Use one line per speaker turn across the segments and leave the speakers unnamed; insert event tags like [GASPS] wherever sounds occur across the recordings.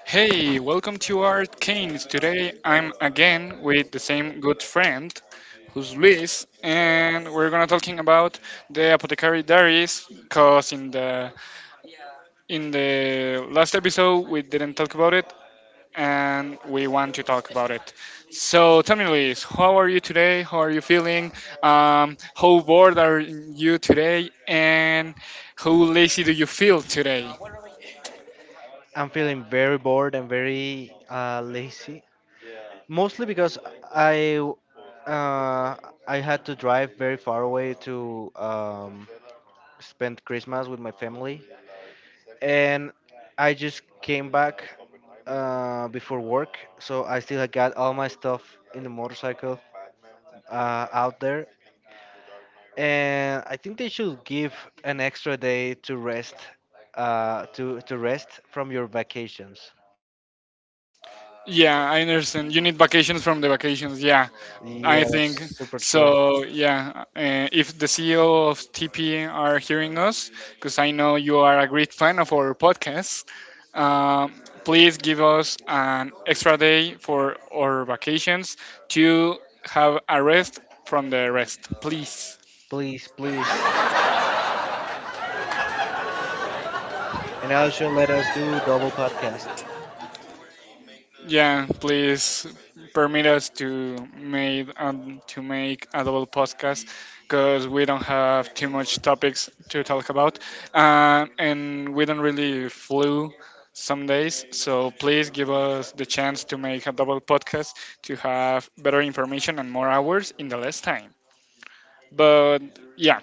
Hey, welcome to Arcanes. Today I'm again with the same good friend who's Luis and we're gonna talking about the apothecary diaries cause in the last episode we didn't talk about it and we want to talk about it. So tell me Luis, how are you today? How are you feeling? How bored are you today and how lazy do you feel today?
I'm feeling very bored and very lazy, mostly because I uh, I had to drive very far away to spend Christmas with my family, and I just came back before work, so I still had got all my stuff in the motorcycle out there, and I think they should give an extra day to rest, to rest from your vacations.
Yeah, I understand. You need vacations from the vacations. Yeah, I
Yeah, that's
think
super true.
so. Yeah, if the CEO of TP are hearing us, because I know you are a great fan of our podcast. um, Please give us an extra day for our vacations to have a rest from the rest, please.
Please, please. And also let us do double podcast.
Yeah, please permit us to make a double podcast because we don't have too much topics to talk about, and we don't really flew some days. So please give us the chance to make a double podcast to have better information and more hours in the less time. But yeah,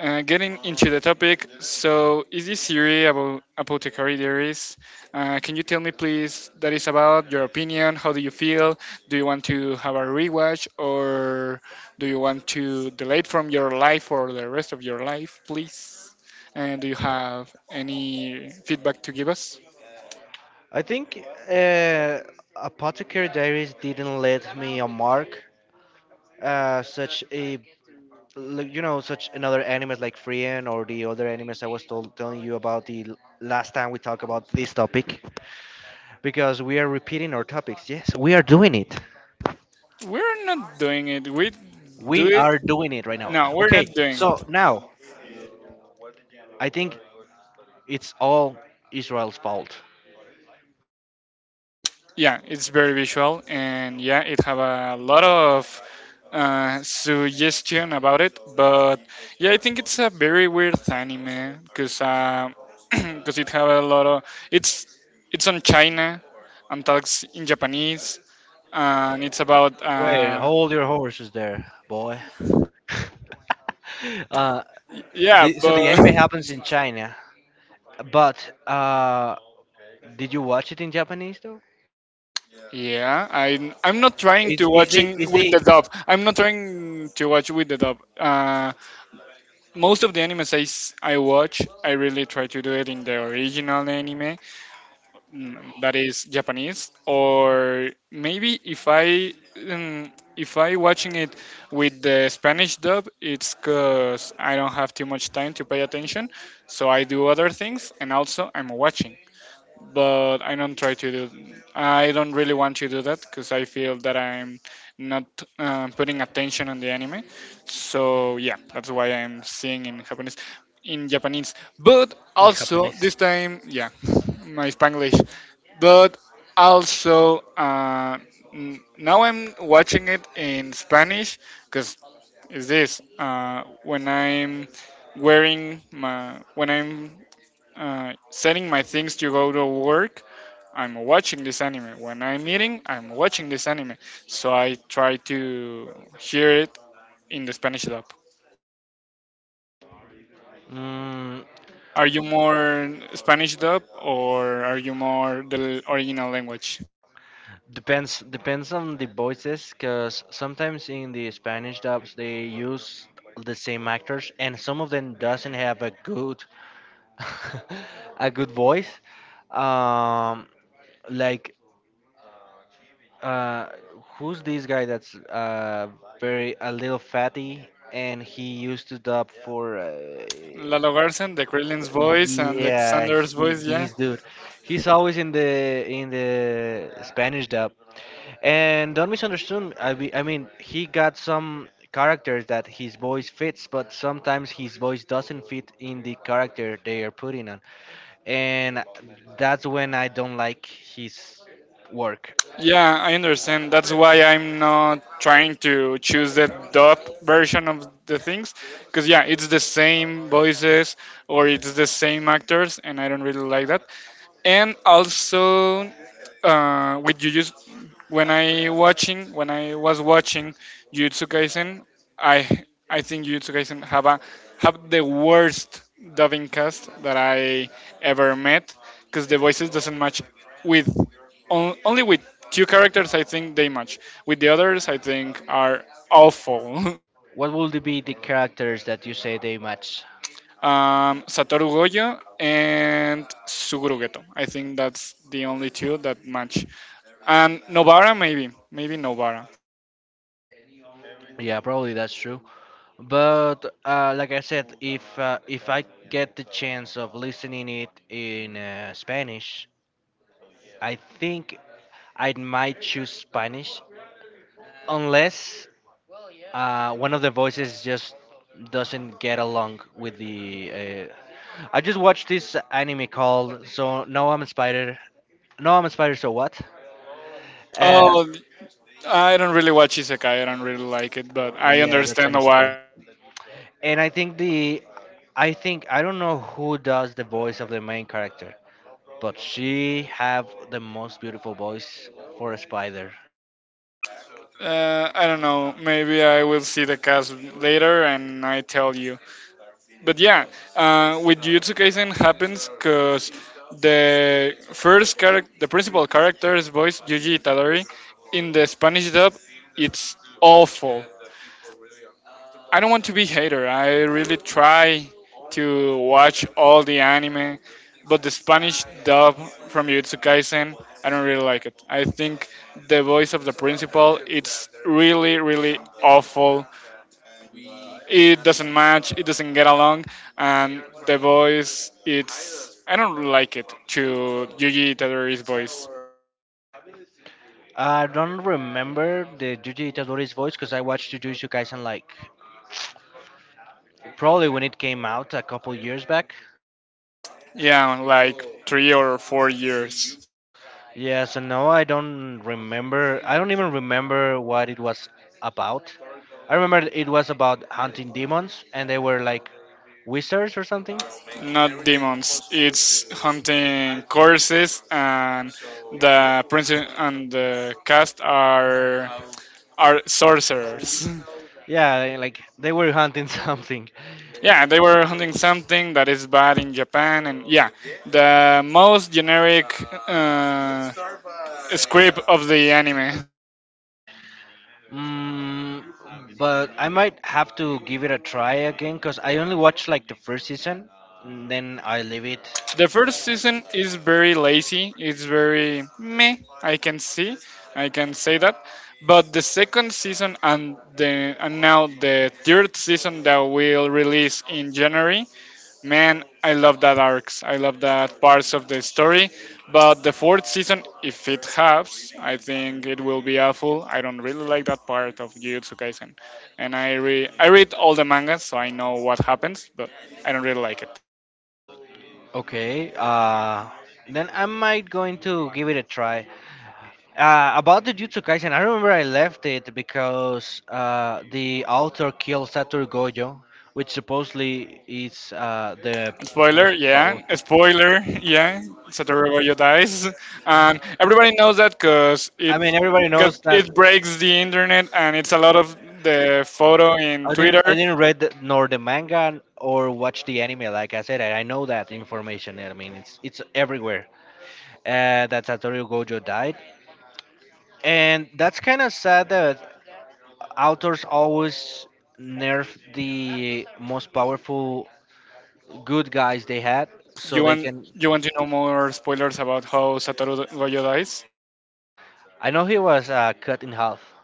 getting into the topic. So, is this theory about apothecary diaries? Can you tell me, please, that is about your opinion? How do you feel? Do you want to have a rewatch, or do you want to delete from your life for the rest of your life, please? And do you have any feedback to give us?
I think uh, Apothecary Diaries didn't let me a mark. Such a like, you know such another animes like Freean or the other animes I was told, telling you about the last time we talked about this topic because we are repeating our topics. Yes, we are doing it.
We're not doing it. We do
We
it.
are doing it right now.
No, we're not
Okay,
doing.
so now I think it's all Israel's fault.
Yeah, it's very visual, and yeah, it have a lot of suggestion about it. But yeah, I think it's a very weird anime because [CLEARS THROAT] it have a lot of it's it's on China and talks in Japanese, and it's about
Wait, hold your horses there, boy. [LAUGHS] uh,
yeah,
so the
but.
anime happens in China, but did you watch it in Japanese though?
Yeah, I'm not trying
Is
to
is the
watching
is
with
the
the dub. I'm not trying to watch with the dub. Most of the animes I watch, I really try to do it in the original anime that is Japanese, or maybe um, if I watching it with the Spanish dub, it's because I don't have too much time to pay attention, so I do other things, and also I'm watching but I don't try to do. I don't really want to do that because I feel that I'm not putting attention on the anime. So yeah, that's why I'm seeing in Japanese, in Japanese. But
in
also
Japanese?
this time, yeah, [LAUGHS] my Spanglish. But also now I'm watching it in Spanish because is this when I'm wearing my when I'm setting my things to go to work I'm watching this anime. When I'm eating, I'm watching this anime. So I try to hear it in the Spanish dub.
Mm,
Are you more Spanish dub or are you more the original language?
depends on the voices, cause sometimes in the Spanish dubs they use the same actors, and some of them doesn't have a good [LAUGHS] a good voice. Um, like uh, who's this guy that's very a little fatty and he used to dub for
Lalo Garcin, the Krillin's voice and the
yeah
Xander's
he
voice, yeah?
this dude he's always in the Spanish dub and don't misunderstand I mean he got some characters that his voice fits but sometimes his voice doesn't fit in the character they are putting on and that's when I don't like his work.
Yeah, I understand. That's why I'm not trying to choose the dub version of the things. Because, yeah, it's the same voices or it's the same actors, and I don't really like that. And also, with Jujutsu, when I watching when I was watching Jujutsu Kaisen, I I think Jujutsu Kaisen have a have the worst dubbing cast that I ever met because the voices doesn't match with on, only with two characters I think they match with the others I think are awful. [LAUGHS]
What would be the characters that you say they match?
Satoru Gojo and Suguru Geto. I think that's the only two that match. And Nobara, maybe. Maybe Nobara.
Yeah, probably that's true. But like I said, if I get the chance of listening it in Spanish, I think I might choose Spanish, unless one of the voices just doesn't get along with the. I just watched this anime called "So No I'm a Spider." No I'm a Spider. So what? Uh,
Oh, I don't really watch Isekai. I don't really like it, but I
yeah, that's an
understand why.
isekai. And I think I don't know who does the voice of the main character, but she have the most beautiful voice for a spider.
I don't know. Maybe I will see the cast later and I tell you. But yeah, with Jujutsu Kaisen happens because the first character, the principal character is voiced Yuji Itadori. In the Spanish dub, it's awful. I don't want to be hater. I really try to watch all the anime, but the Spanish dub from Jujutsu Kaisen, I don't really like it. I think the voice of the principal, it's really, really awful. It doesn't match. It doesn't get along, and the voice, it's I don't like it to Yuji Itadori's voice.
I don't remember the Yuji Itadori's voice because I watched Jujutsu Kaisen like probably when it came out a couple years back.
Yeah, like 3 or 4 years.
Yeah, so no, I don't remember. I don't even remember what it was about. I remember it was about hunting demons, and they were like wizards or something.
Not demons. It's hunting corpses, and the prince and the cast are sorcerers.
Yeah, like they were hunting [LAUGHS] something.
[LAUGHS] Yeah, they were hunting something that is bad in Japan, and yeah, the most generic uh, script of the anime.
Mm, but I might have to give it a try again because I only watched like the first season, and then I leave it.
The first season is very lazy. It's very meh. I can see, I can say that. But the second season and the and now the third season that will release in January, man, I love that arcs. I love that parts of the story. But the fourth season, if it has, I think it will be awful. I don't really like that part of Jujutsu Kaisen, and I read all the mangas, so I know what happens, but I don't really like it.
Okay, then I might going to give it a try. About the Jutsu Kaisen, I remember I left it because the author killed Satoru Gojo, which supposedly is the
Spoiler,
most
yeah. A
powerful.
spoiler, yeah. Satoru Gojo dies, and everybody knows that
I mean, everybody
because
knows that
it breaks the internet, and it's a lot of the photo in
I didn't I
Twitter.
didn't read the, nor the manga or watch the anime. Like I said, I know that information. I mean, it's everywhere that Satoru Gojo died, and that's kind of sad that authors always nerf the most powerful good guys they had, so
You
they
want
can.
you want to know more spoilers about how Satoru Gojo dies?
I know he was cut in half.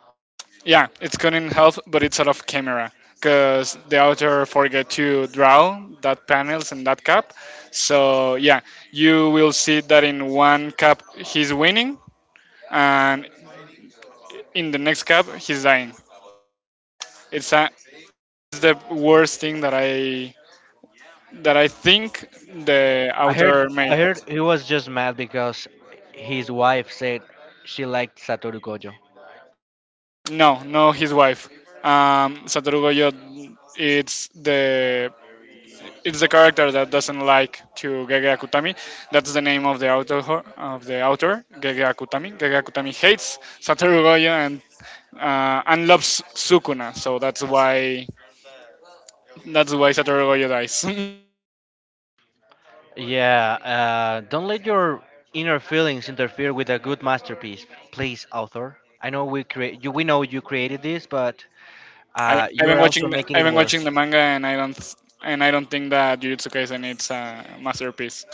Yeah, it's good in health, but it's out of camera because the author forget to draw that panels and that cap. So yeah, you will see that in one cap he's winning, and in the next cab he's dying. It's a it's the worst thing that I think the
I heard
author made.
I heard he was just mad because his wife said she liked Satoru Gojo.
No no his wife, um, Satoru Gojo, it's the it's the character that doesn't like to Gege Akutami. That's the name of the author, Gege Akutami. Gege Akutami hates Satoru Gojo and loves Sukuna, so that's why Satoru Gojo dies. [LAUGHS]
Yeah, don't let your inner feelings interfere with a good masterpiece, please, author. I know we create you. We know you created this, but
I, I've
you
been
are also
watching
making
I've
it
been watching
worse.
the manga and I don't think that Jujutsu Kaisen it's a masterpiece.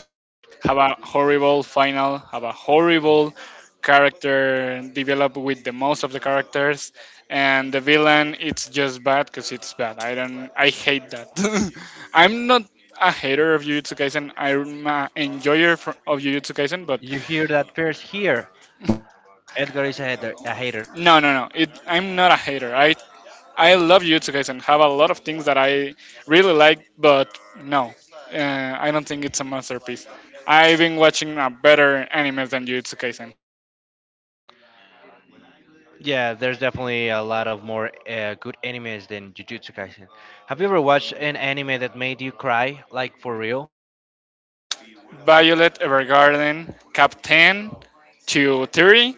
Have a horrible final. Have a horrible character developed with the most of the characters, and the villain it's just bad because it's bad. I don't I hate that. [LAUGHS] I'm not a hater of Jujutsu Kaisen. I'm a enjoyer of Jujutsu Kaisen, but
You hear that first here. Edgar is a hater. A hater.
no no no. It, I'm not a hater. I love Yutsukaisen and have a lot of things that I really like, but no, I don't think it's a masterpiece. I've been watching a better anime than Yutsukaisen.
Yeah, there's definitely a lot of more good animes than Jujutsu Kaisen. Have you ever watched an anime that made you cry, like for real?
Violet Evergarden, Captain to 30.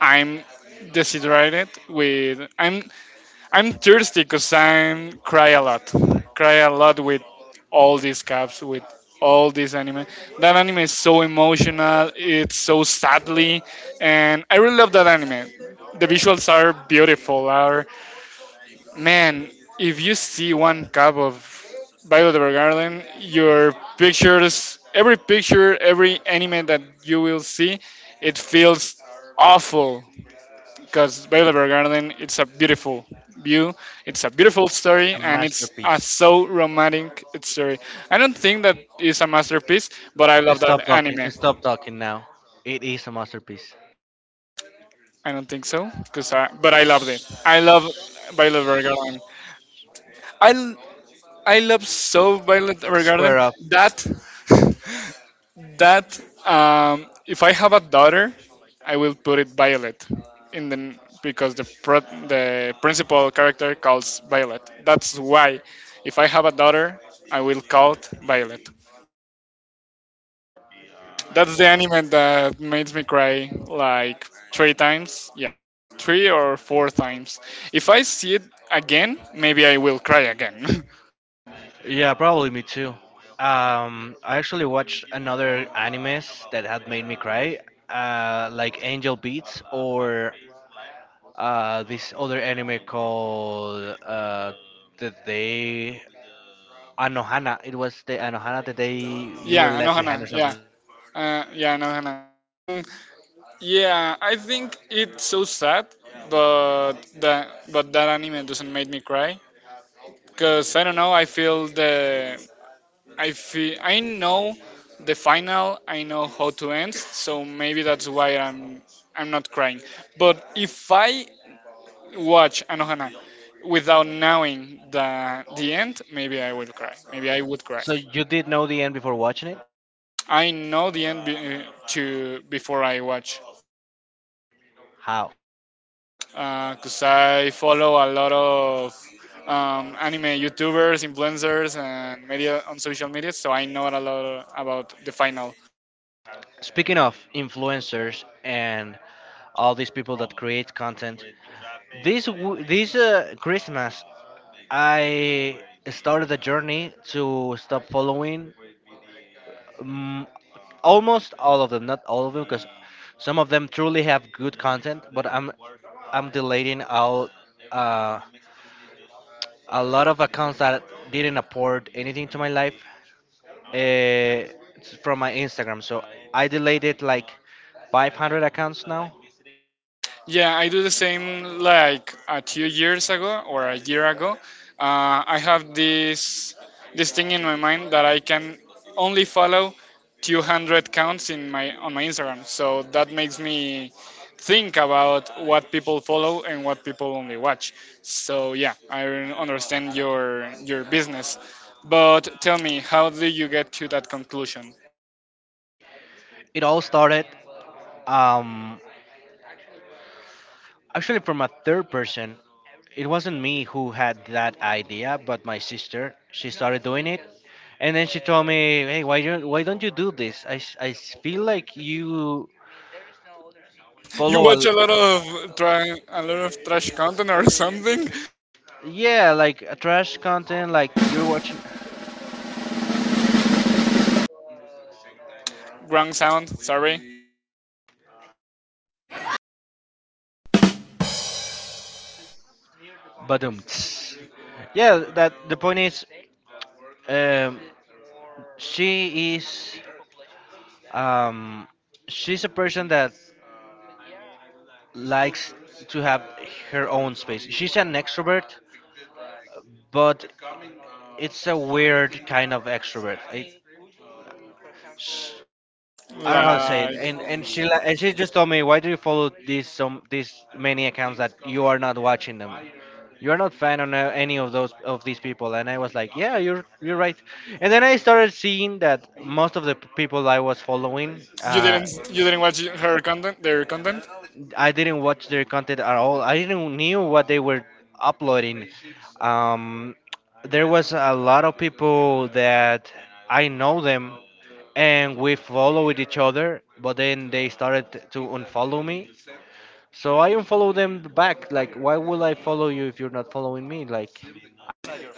I'm decided with I'm thirsty because I'm cry a lot. Cry a lot with all these caps, with all this anime. That anime is so emotional. It's so sadly, and I really love that anime. The visuals are beautiful. Are man, if you see one cup of Violet Evergarden, your pictures, every picture, every anime that you will see, it feels awful because Baylor Garden it's a beautiful view, it's a beautiful story,
A
and it's a
masterpiece.
so romantic story. I don't think that is a masterpiece, but I love that
Stop talking.
anime.
Stop talking now. It is a masterpiece.
I don't think so, because I, but I loved it. I love Violet Evergarden. I l- I love so Violet Evergarden
Square up.
that that if I have a daughter, I will put it Violet in the because the pro, the principal character calls Violet. That's why if I have a daughter, I will call it Violet. That's the anime that makes me cry like three times. Yeah, three or four times. If I see it again, maybe I will cry again. [LAUGHS]
Yeah, probably me too. I actually watched another animes that had made me cry, like Angel Beats or this other anime called the day Anohana. It was the Anohana the day you were
Yeah,
left behind or
Anohana.
something.
Yeah, yeah, Anohana. Yeah, I think it's so sad, but that anime doesn't make me cry because I don't know. I feel the I feel I know the final. I know how to end, so maybe that's why I'm not crying. But if I watch Anohana without knowing the end, maybe I will cry. Maybe I would cry.
So you did know the end before watching it?
I know the end be, To before I watch.
How?
Because I follow a lot of anime YouTubers, influencers, and media on social media, so I know a lot about the final.
Speaking of influencers and all these people that create content, this Christmas I started a journey to stop following mm, almost all of them, not all of them, because some of them truly have good content, but I'm deleting out uh, a lot of accounts that didn't apport anything to my life uh, from my Instagram. So I deleted like 500 accounts now.
Yeah, I do the same like a few years ago or a year ago. I have this thing in my mind that I can only follow 200 counts in my on my Instagram. So that makes me think about what people follow and what people only watch. So yeah, I understand your business. But tell me, how do you get to that conclusion?
It all started. Um, Actually, from a third person, it wasn't me who had that idea, but my sister. She started doing it, and then she told me, "Hey, why don't you do this? Feel like you
You
follow a
watch a lot of a lot of trash content or [LAUGHS] something?
yeah like a trash content, like you're watching."
Wrong sound. Sorry,
[LAUGHS] Badum. Yeah, that the point is, um, she is um, she's a person that likes to have her own space. She's an extrovert, but it's a weird kind of extrovert. I don't know how to say it.
like
And she just told me, why do you follow these some these many accounts that you are not watching them? You are not fan on any of those of these people. And I was like, yeah, you're right. And then I started seeing that most of the people I was following,
you didn't you didn't watch her content, their content.
I didn't watch their content at all. I didn't knew what they were uploading. Um, there was a lot of people that I know them and we followed each other but then they started to unfollow me so I unfollowed them back, like why would I follow you if you're not following me like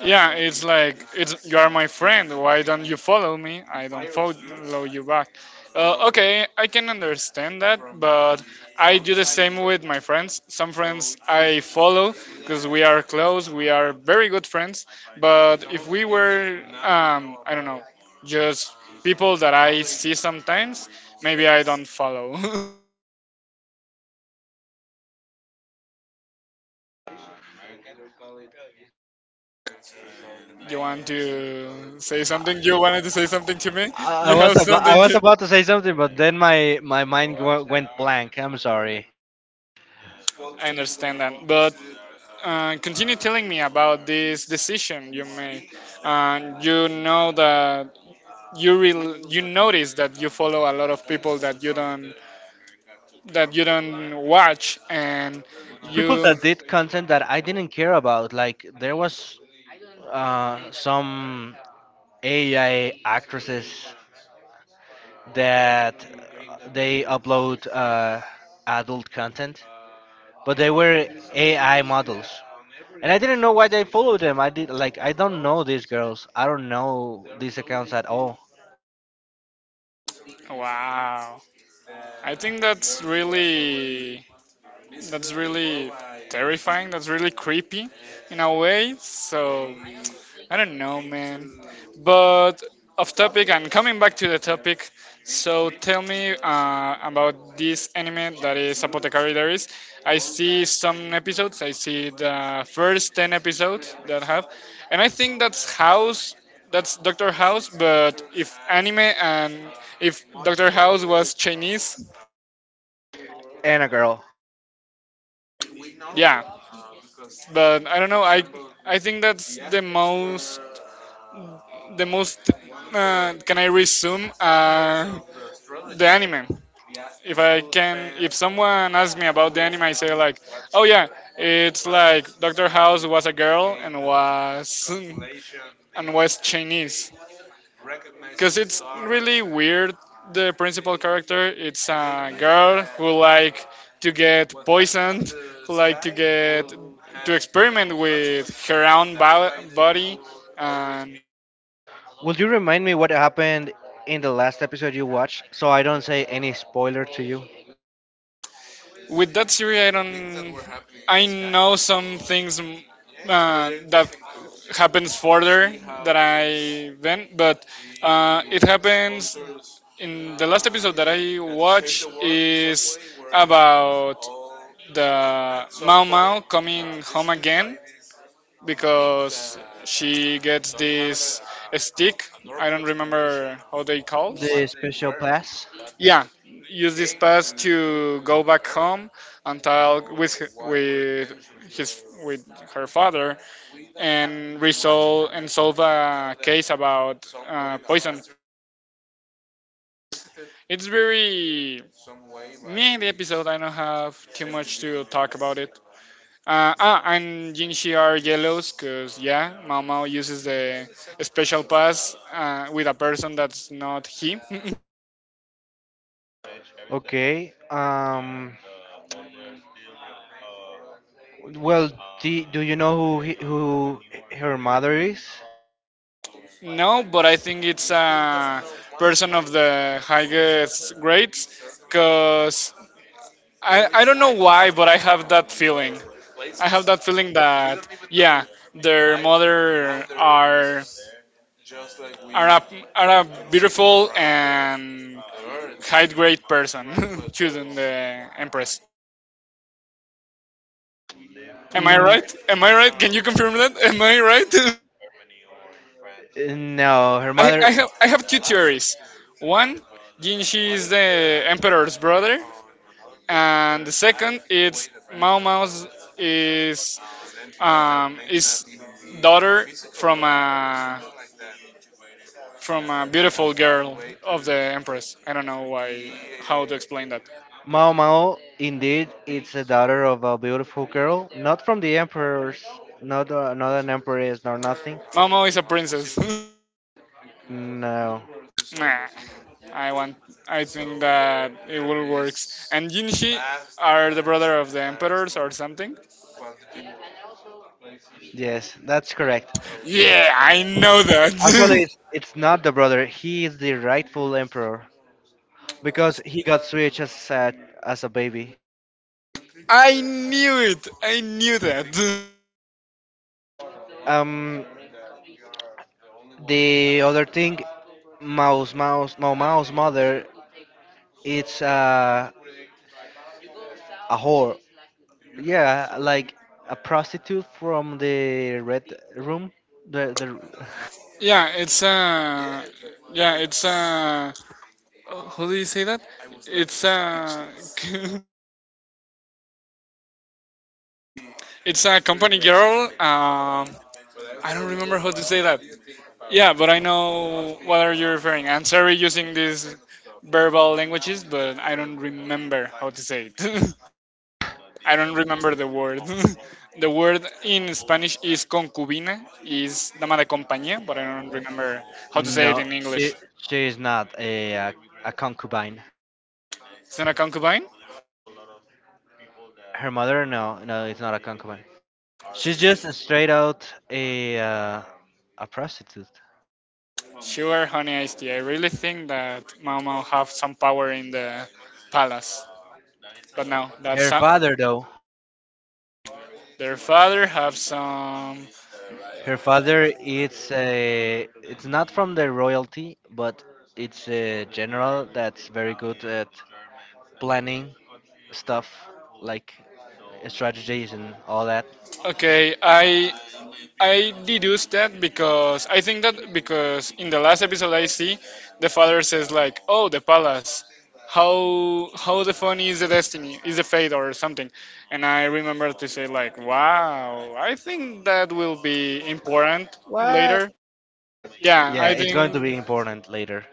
Yeah, it's like it's you are my friend. Why don't you follow me? I don't follow you back. Okay, I can understand that, but I do the same with my friends. Some friends I follow because we are close, we are very good friends. But if we were, I don't know, just people that I see sometimes, maybe I don't follow. [LAUGHS] You want to say something? You wanted to say something to me?
i, I
You have
was about i
something
was
to.
about to say something but then my mind went blank, I'm sorry.
I understand that, but continue telling me about this decision you made. And you know that you notice that you follow a lot of people that you don't watch, and
People
you.
that did content that I didn't care about like there was some AI actresses that they upload adult content but they were AI models. And I didn't know why I followed them. I did like I don't know these girls. I don't know these accounts at all.
Wow, I think that's really that's really terrifying. That's really creepy, in a way. So. I don't know, man. But off topic and coming back to the topic, so tell me about this anime that is Apothecary Diaries. I see some episodes. I see the first ten episodes that have, and I think that's House. That's Doctor House. But if anime and if Doctor House was Chinese,
And a girl.
yeah. But I don't know. I think that's the most. Can I resume? The anime. If I can, if someone asks me about the anime, I say like, oh yeah, it's like Doctor House was a girl and was [LAUGHS] and was Chinese, because it's really weird. The principal character, it's a girl who like to get poisoned, who like to get to experiment with her own body and
Will you remind me what happened in the last episode you watched so I don't say any spoiler to you?
with that series I don't I know some things, that happens further, that I then, but it happens in the last episode that I watched, is about the Mao Mao coming home again because she gets this stick. I don't remember how they called.
The special pass.
Yeah, use this pass to go back home and talk with with his with her father and resolve and solve a case about poison. It's very. Me in the episode, I don't have too much to talk about it. And Jinshi are yellows because, yeah, Mao Mao uses the special pass with a person that's not he. [LAUGHS]
Okay. Well, do you know who who her mother is?
No, but I think it's a person of the highest grades because I don't know why, but I have that feeling. I have that feeling that, yeah, their mother are, a, are a beautiful and high grade person, [LAUGHS] choosing the empress. Am I
Mm,
right? Am I right? Can you confirm that? Am I right? [LAUGHS]
no, her
I, I
mother
have I have two theories. One, Jinshi is the emperor's brother, and the second it's Mao Mao's is is daughter from a beautiful girl of the empress. I don't know why how to explain that.
Mao Mao indeed it's a daughter of a beautiful girl, not from the emperors, not not an empress nor nothing.
Mao Mao is a princess.
No.
[LAUGHS] Nah, I want. I think that it will works. And Yinshi are the brother of the emperors or something.
Yes, that's correct.
Yeah, I know
Actually,
that.
it's not the brother. He is the rightful emperor because he got switched as as a baby.
[LAUGHS] I knew it. I knew that. [LAUGHS]
Um, the other thing, Mao Mao's mother, it's a whore. Yeah, like a prostitute from the red room. The
Yeah, it's a. Yeah, it's a who do you say that? It's a [LAUGHS] it's a company girl. I don't remember how to say that. Yeah, but I know what are you referring. I'm sorry using these verbal languages, but I don't remember how to say it. [LAUGHS] I don't remember the word. [LAUGHS] The word in Spanish is concubina, is dama de compañía, but I don't remember how to say it
no,
in
she,
English.
she is not a concubine.
It's not a concubine?
Her mother, no, it's not a concubine. She's just a straight out a prostitute.
Sure, Honey Ice Tea. I really think that Mao Mao have some power in the palace. But no, that's
Her father though,
their father have some.
her father it's not from the royalty, but it's a general that's very good at planning stuff like strategies and all that.
Okay, I deduce that because I think that because in the last episode I see the father says like, oh, the palace. How the funny is the destiny is the fate or something, and I remember to say like, wow, I think that will be important later. Yeah,
Yeah,
I
it's going to
think.
be important later.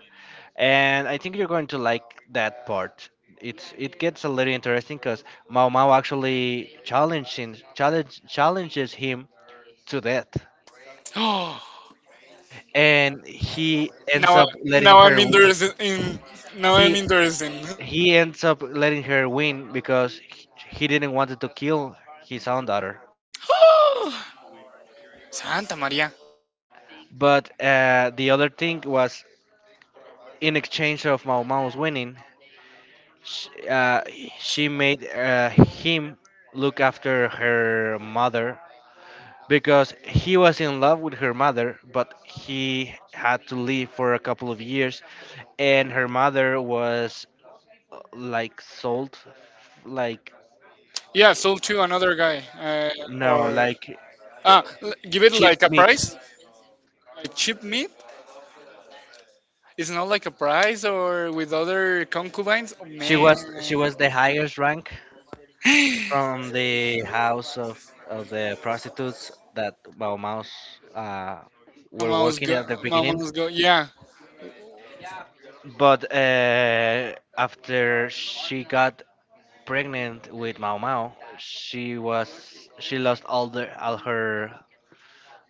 And I think you're going to like that part. It's it gets a little interesting because Mao Mao actually challenges him to death.
[GASPS]
And he ends
Now, up
up letting
now I'm
her win.
interested in. Now I'm
He
interested. In.
he ends up letting her win because he didn't want to kill his own daughter.
[GASPS] Santa Maria.
But the other thing was, in exchange of Mao Mao's winning, sh she made him look after her mother because he was in love with her mother, but he had to leave for a couple of years, and her mother was like sold, like
Yeah, sold to another guy.
no,
Or
like
give it
cheap
like a
meat.
price. A cheap meat. It's not like a price or with other concubines. Oh,
She
man.
was she was the highest rank from the house of the prostitutes that Bao Mao's uh, were
Mama's
working at the
go.
beginning.
Mama's go. Yeah.
But after she got pregnant with Mao Mao, she lost all the all her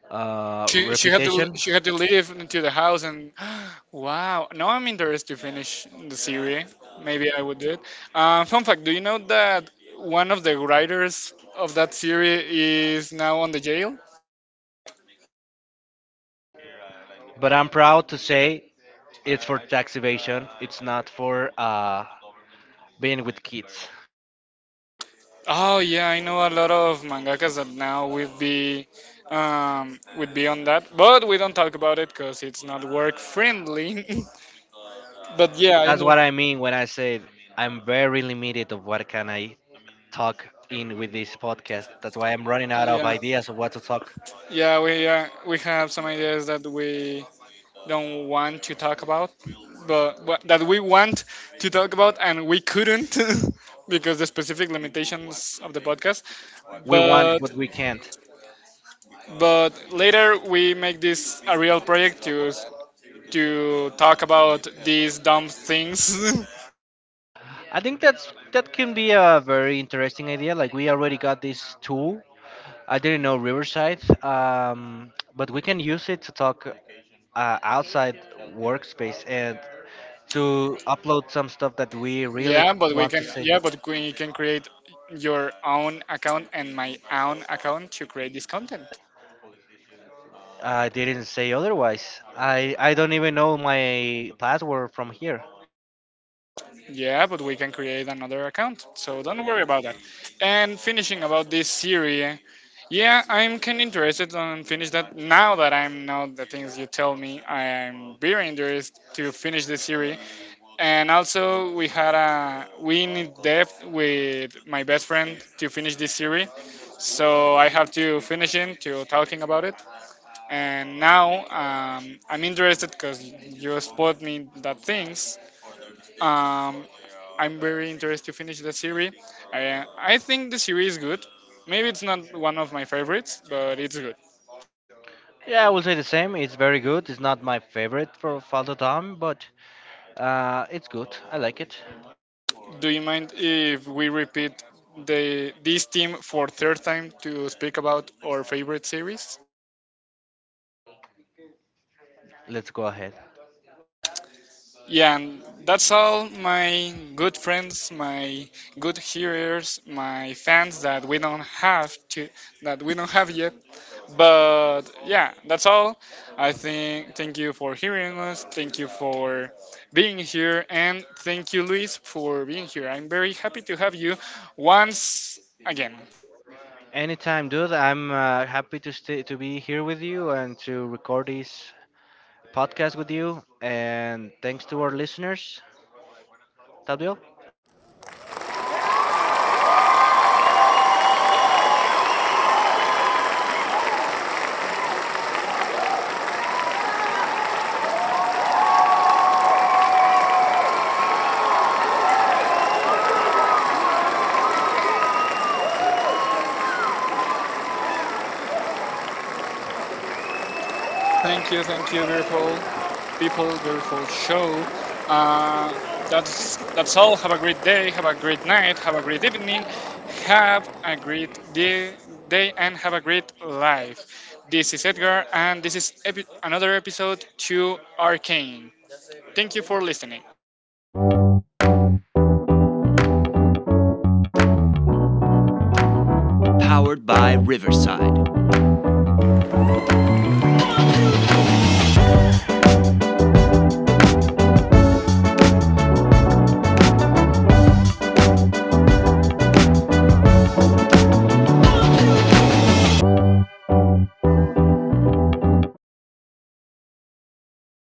reputation.
She had to leave into the house and [GASPS] wow. Now I'm interested to finish the series. Maybe I would do it. Fun fact: do you know that one of the writers of that series is now on the jail?
But I'm proud to say it's for tax evasion. It's not for being with kids.
Oh yeah, I know a lot of mangakas that now would be on that, but we don't talk about it because it's not work friendly. [LAUGHS] But yeah,
That's what I mean when I said I'm very limited of what can I talk in with this podcast. That's why I'm running out of
yeah,
ideas of what to talk.
yeah, we have some ideas that we don't want to talk about, but what, that we want to talk about and we couldn't [LAUGHS] because the specific limitations of the podcast.
We want,
But
but we can't.
but later we make this a real project to talk about these dumb things.
I think that's that can be a very interesting idea. Like we already got this tool. I didn't know Riverside, but we can use it to talk outside workspace and to upload some stuff that we
[LAUGHS]
really
Yeah, but we
want to
can
say.
yeah, but we can create your own account and my own account to create this content.
I didn't say otherwise. I don't even know my password from here.
Yeah, but we can create another account, so don't worry about that. And finishing about this series, yeah, I'm kind of interested on finish that. Now that I'm know the things you tell me, I'm very interested to finish this series. And also, we had a we need depth with my best friend to finish this series, so I have to finish it to talking about it. And now I'm interested because you spot me that things. Um, I'm very interested to finish the series. I think the series is good. Maybe it's not one of my favorites, but it's good.
Yeah, I will say the same. It's very good. It's not my favorite for Faldo Tom, but it's good. I like it.
Do you mind if we repeat the this team for third time to speak about our favorite series?
Let's go ahead.
Yeah, and that's all my good friends, my good hearers, my fans that we don't have yet. But yeah, that's all. I think thank you for hearing us. Thank you for being here, and thank you, Luis, for being here. I'm very happy to have you once again.
Anytime, dude. I'm happy to stay to be here with you and to record this podcast with you. And thanks to our listeners. Tadwil.
Thank you, beautiful people, beautiful show. Uh, that's all. Have a great day. Have a great night. Have a great evening. Have a great day and have a great life. This is Edgar, and this is another episode to Arcane. Thank you for listening.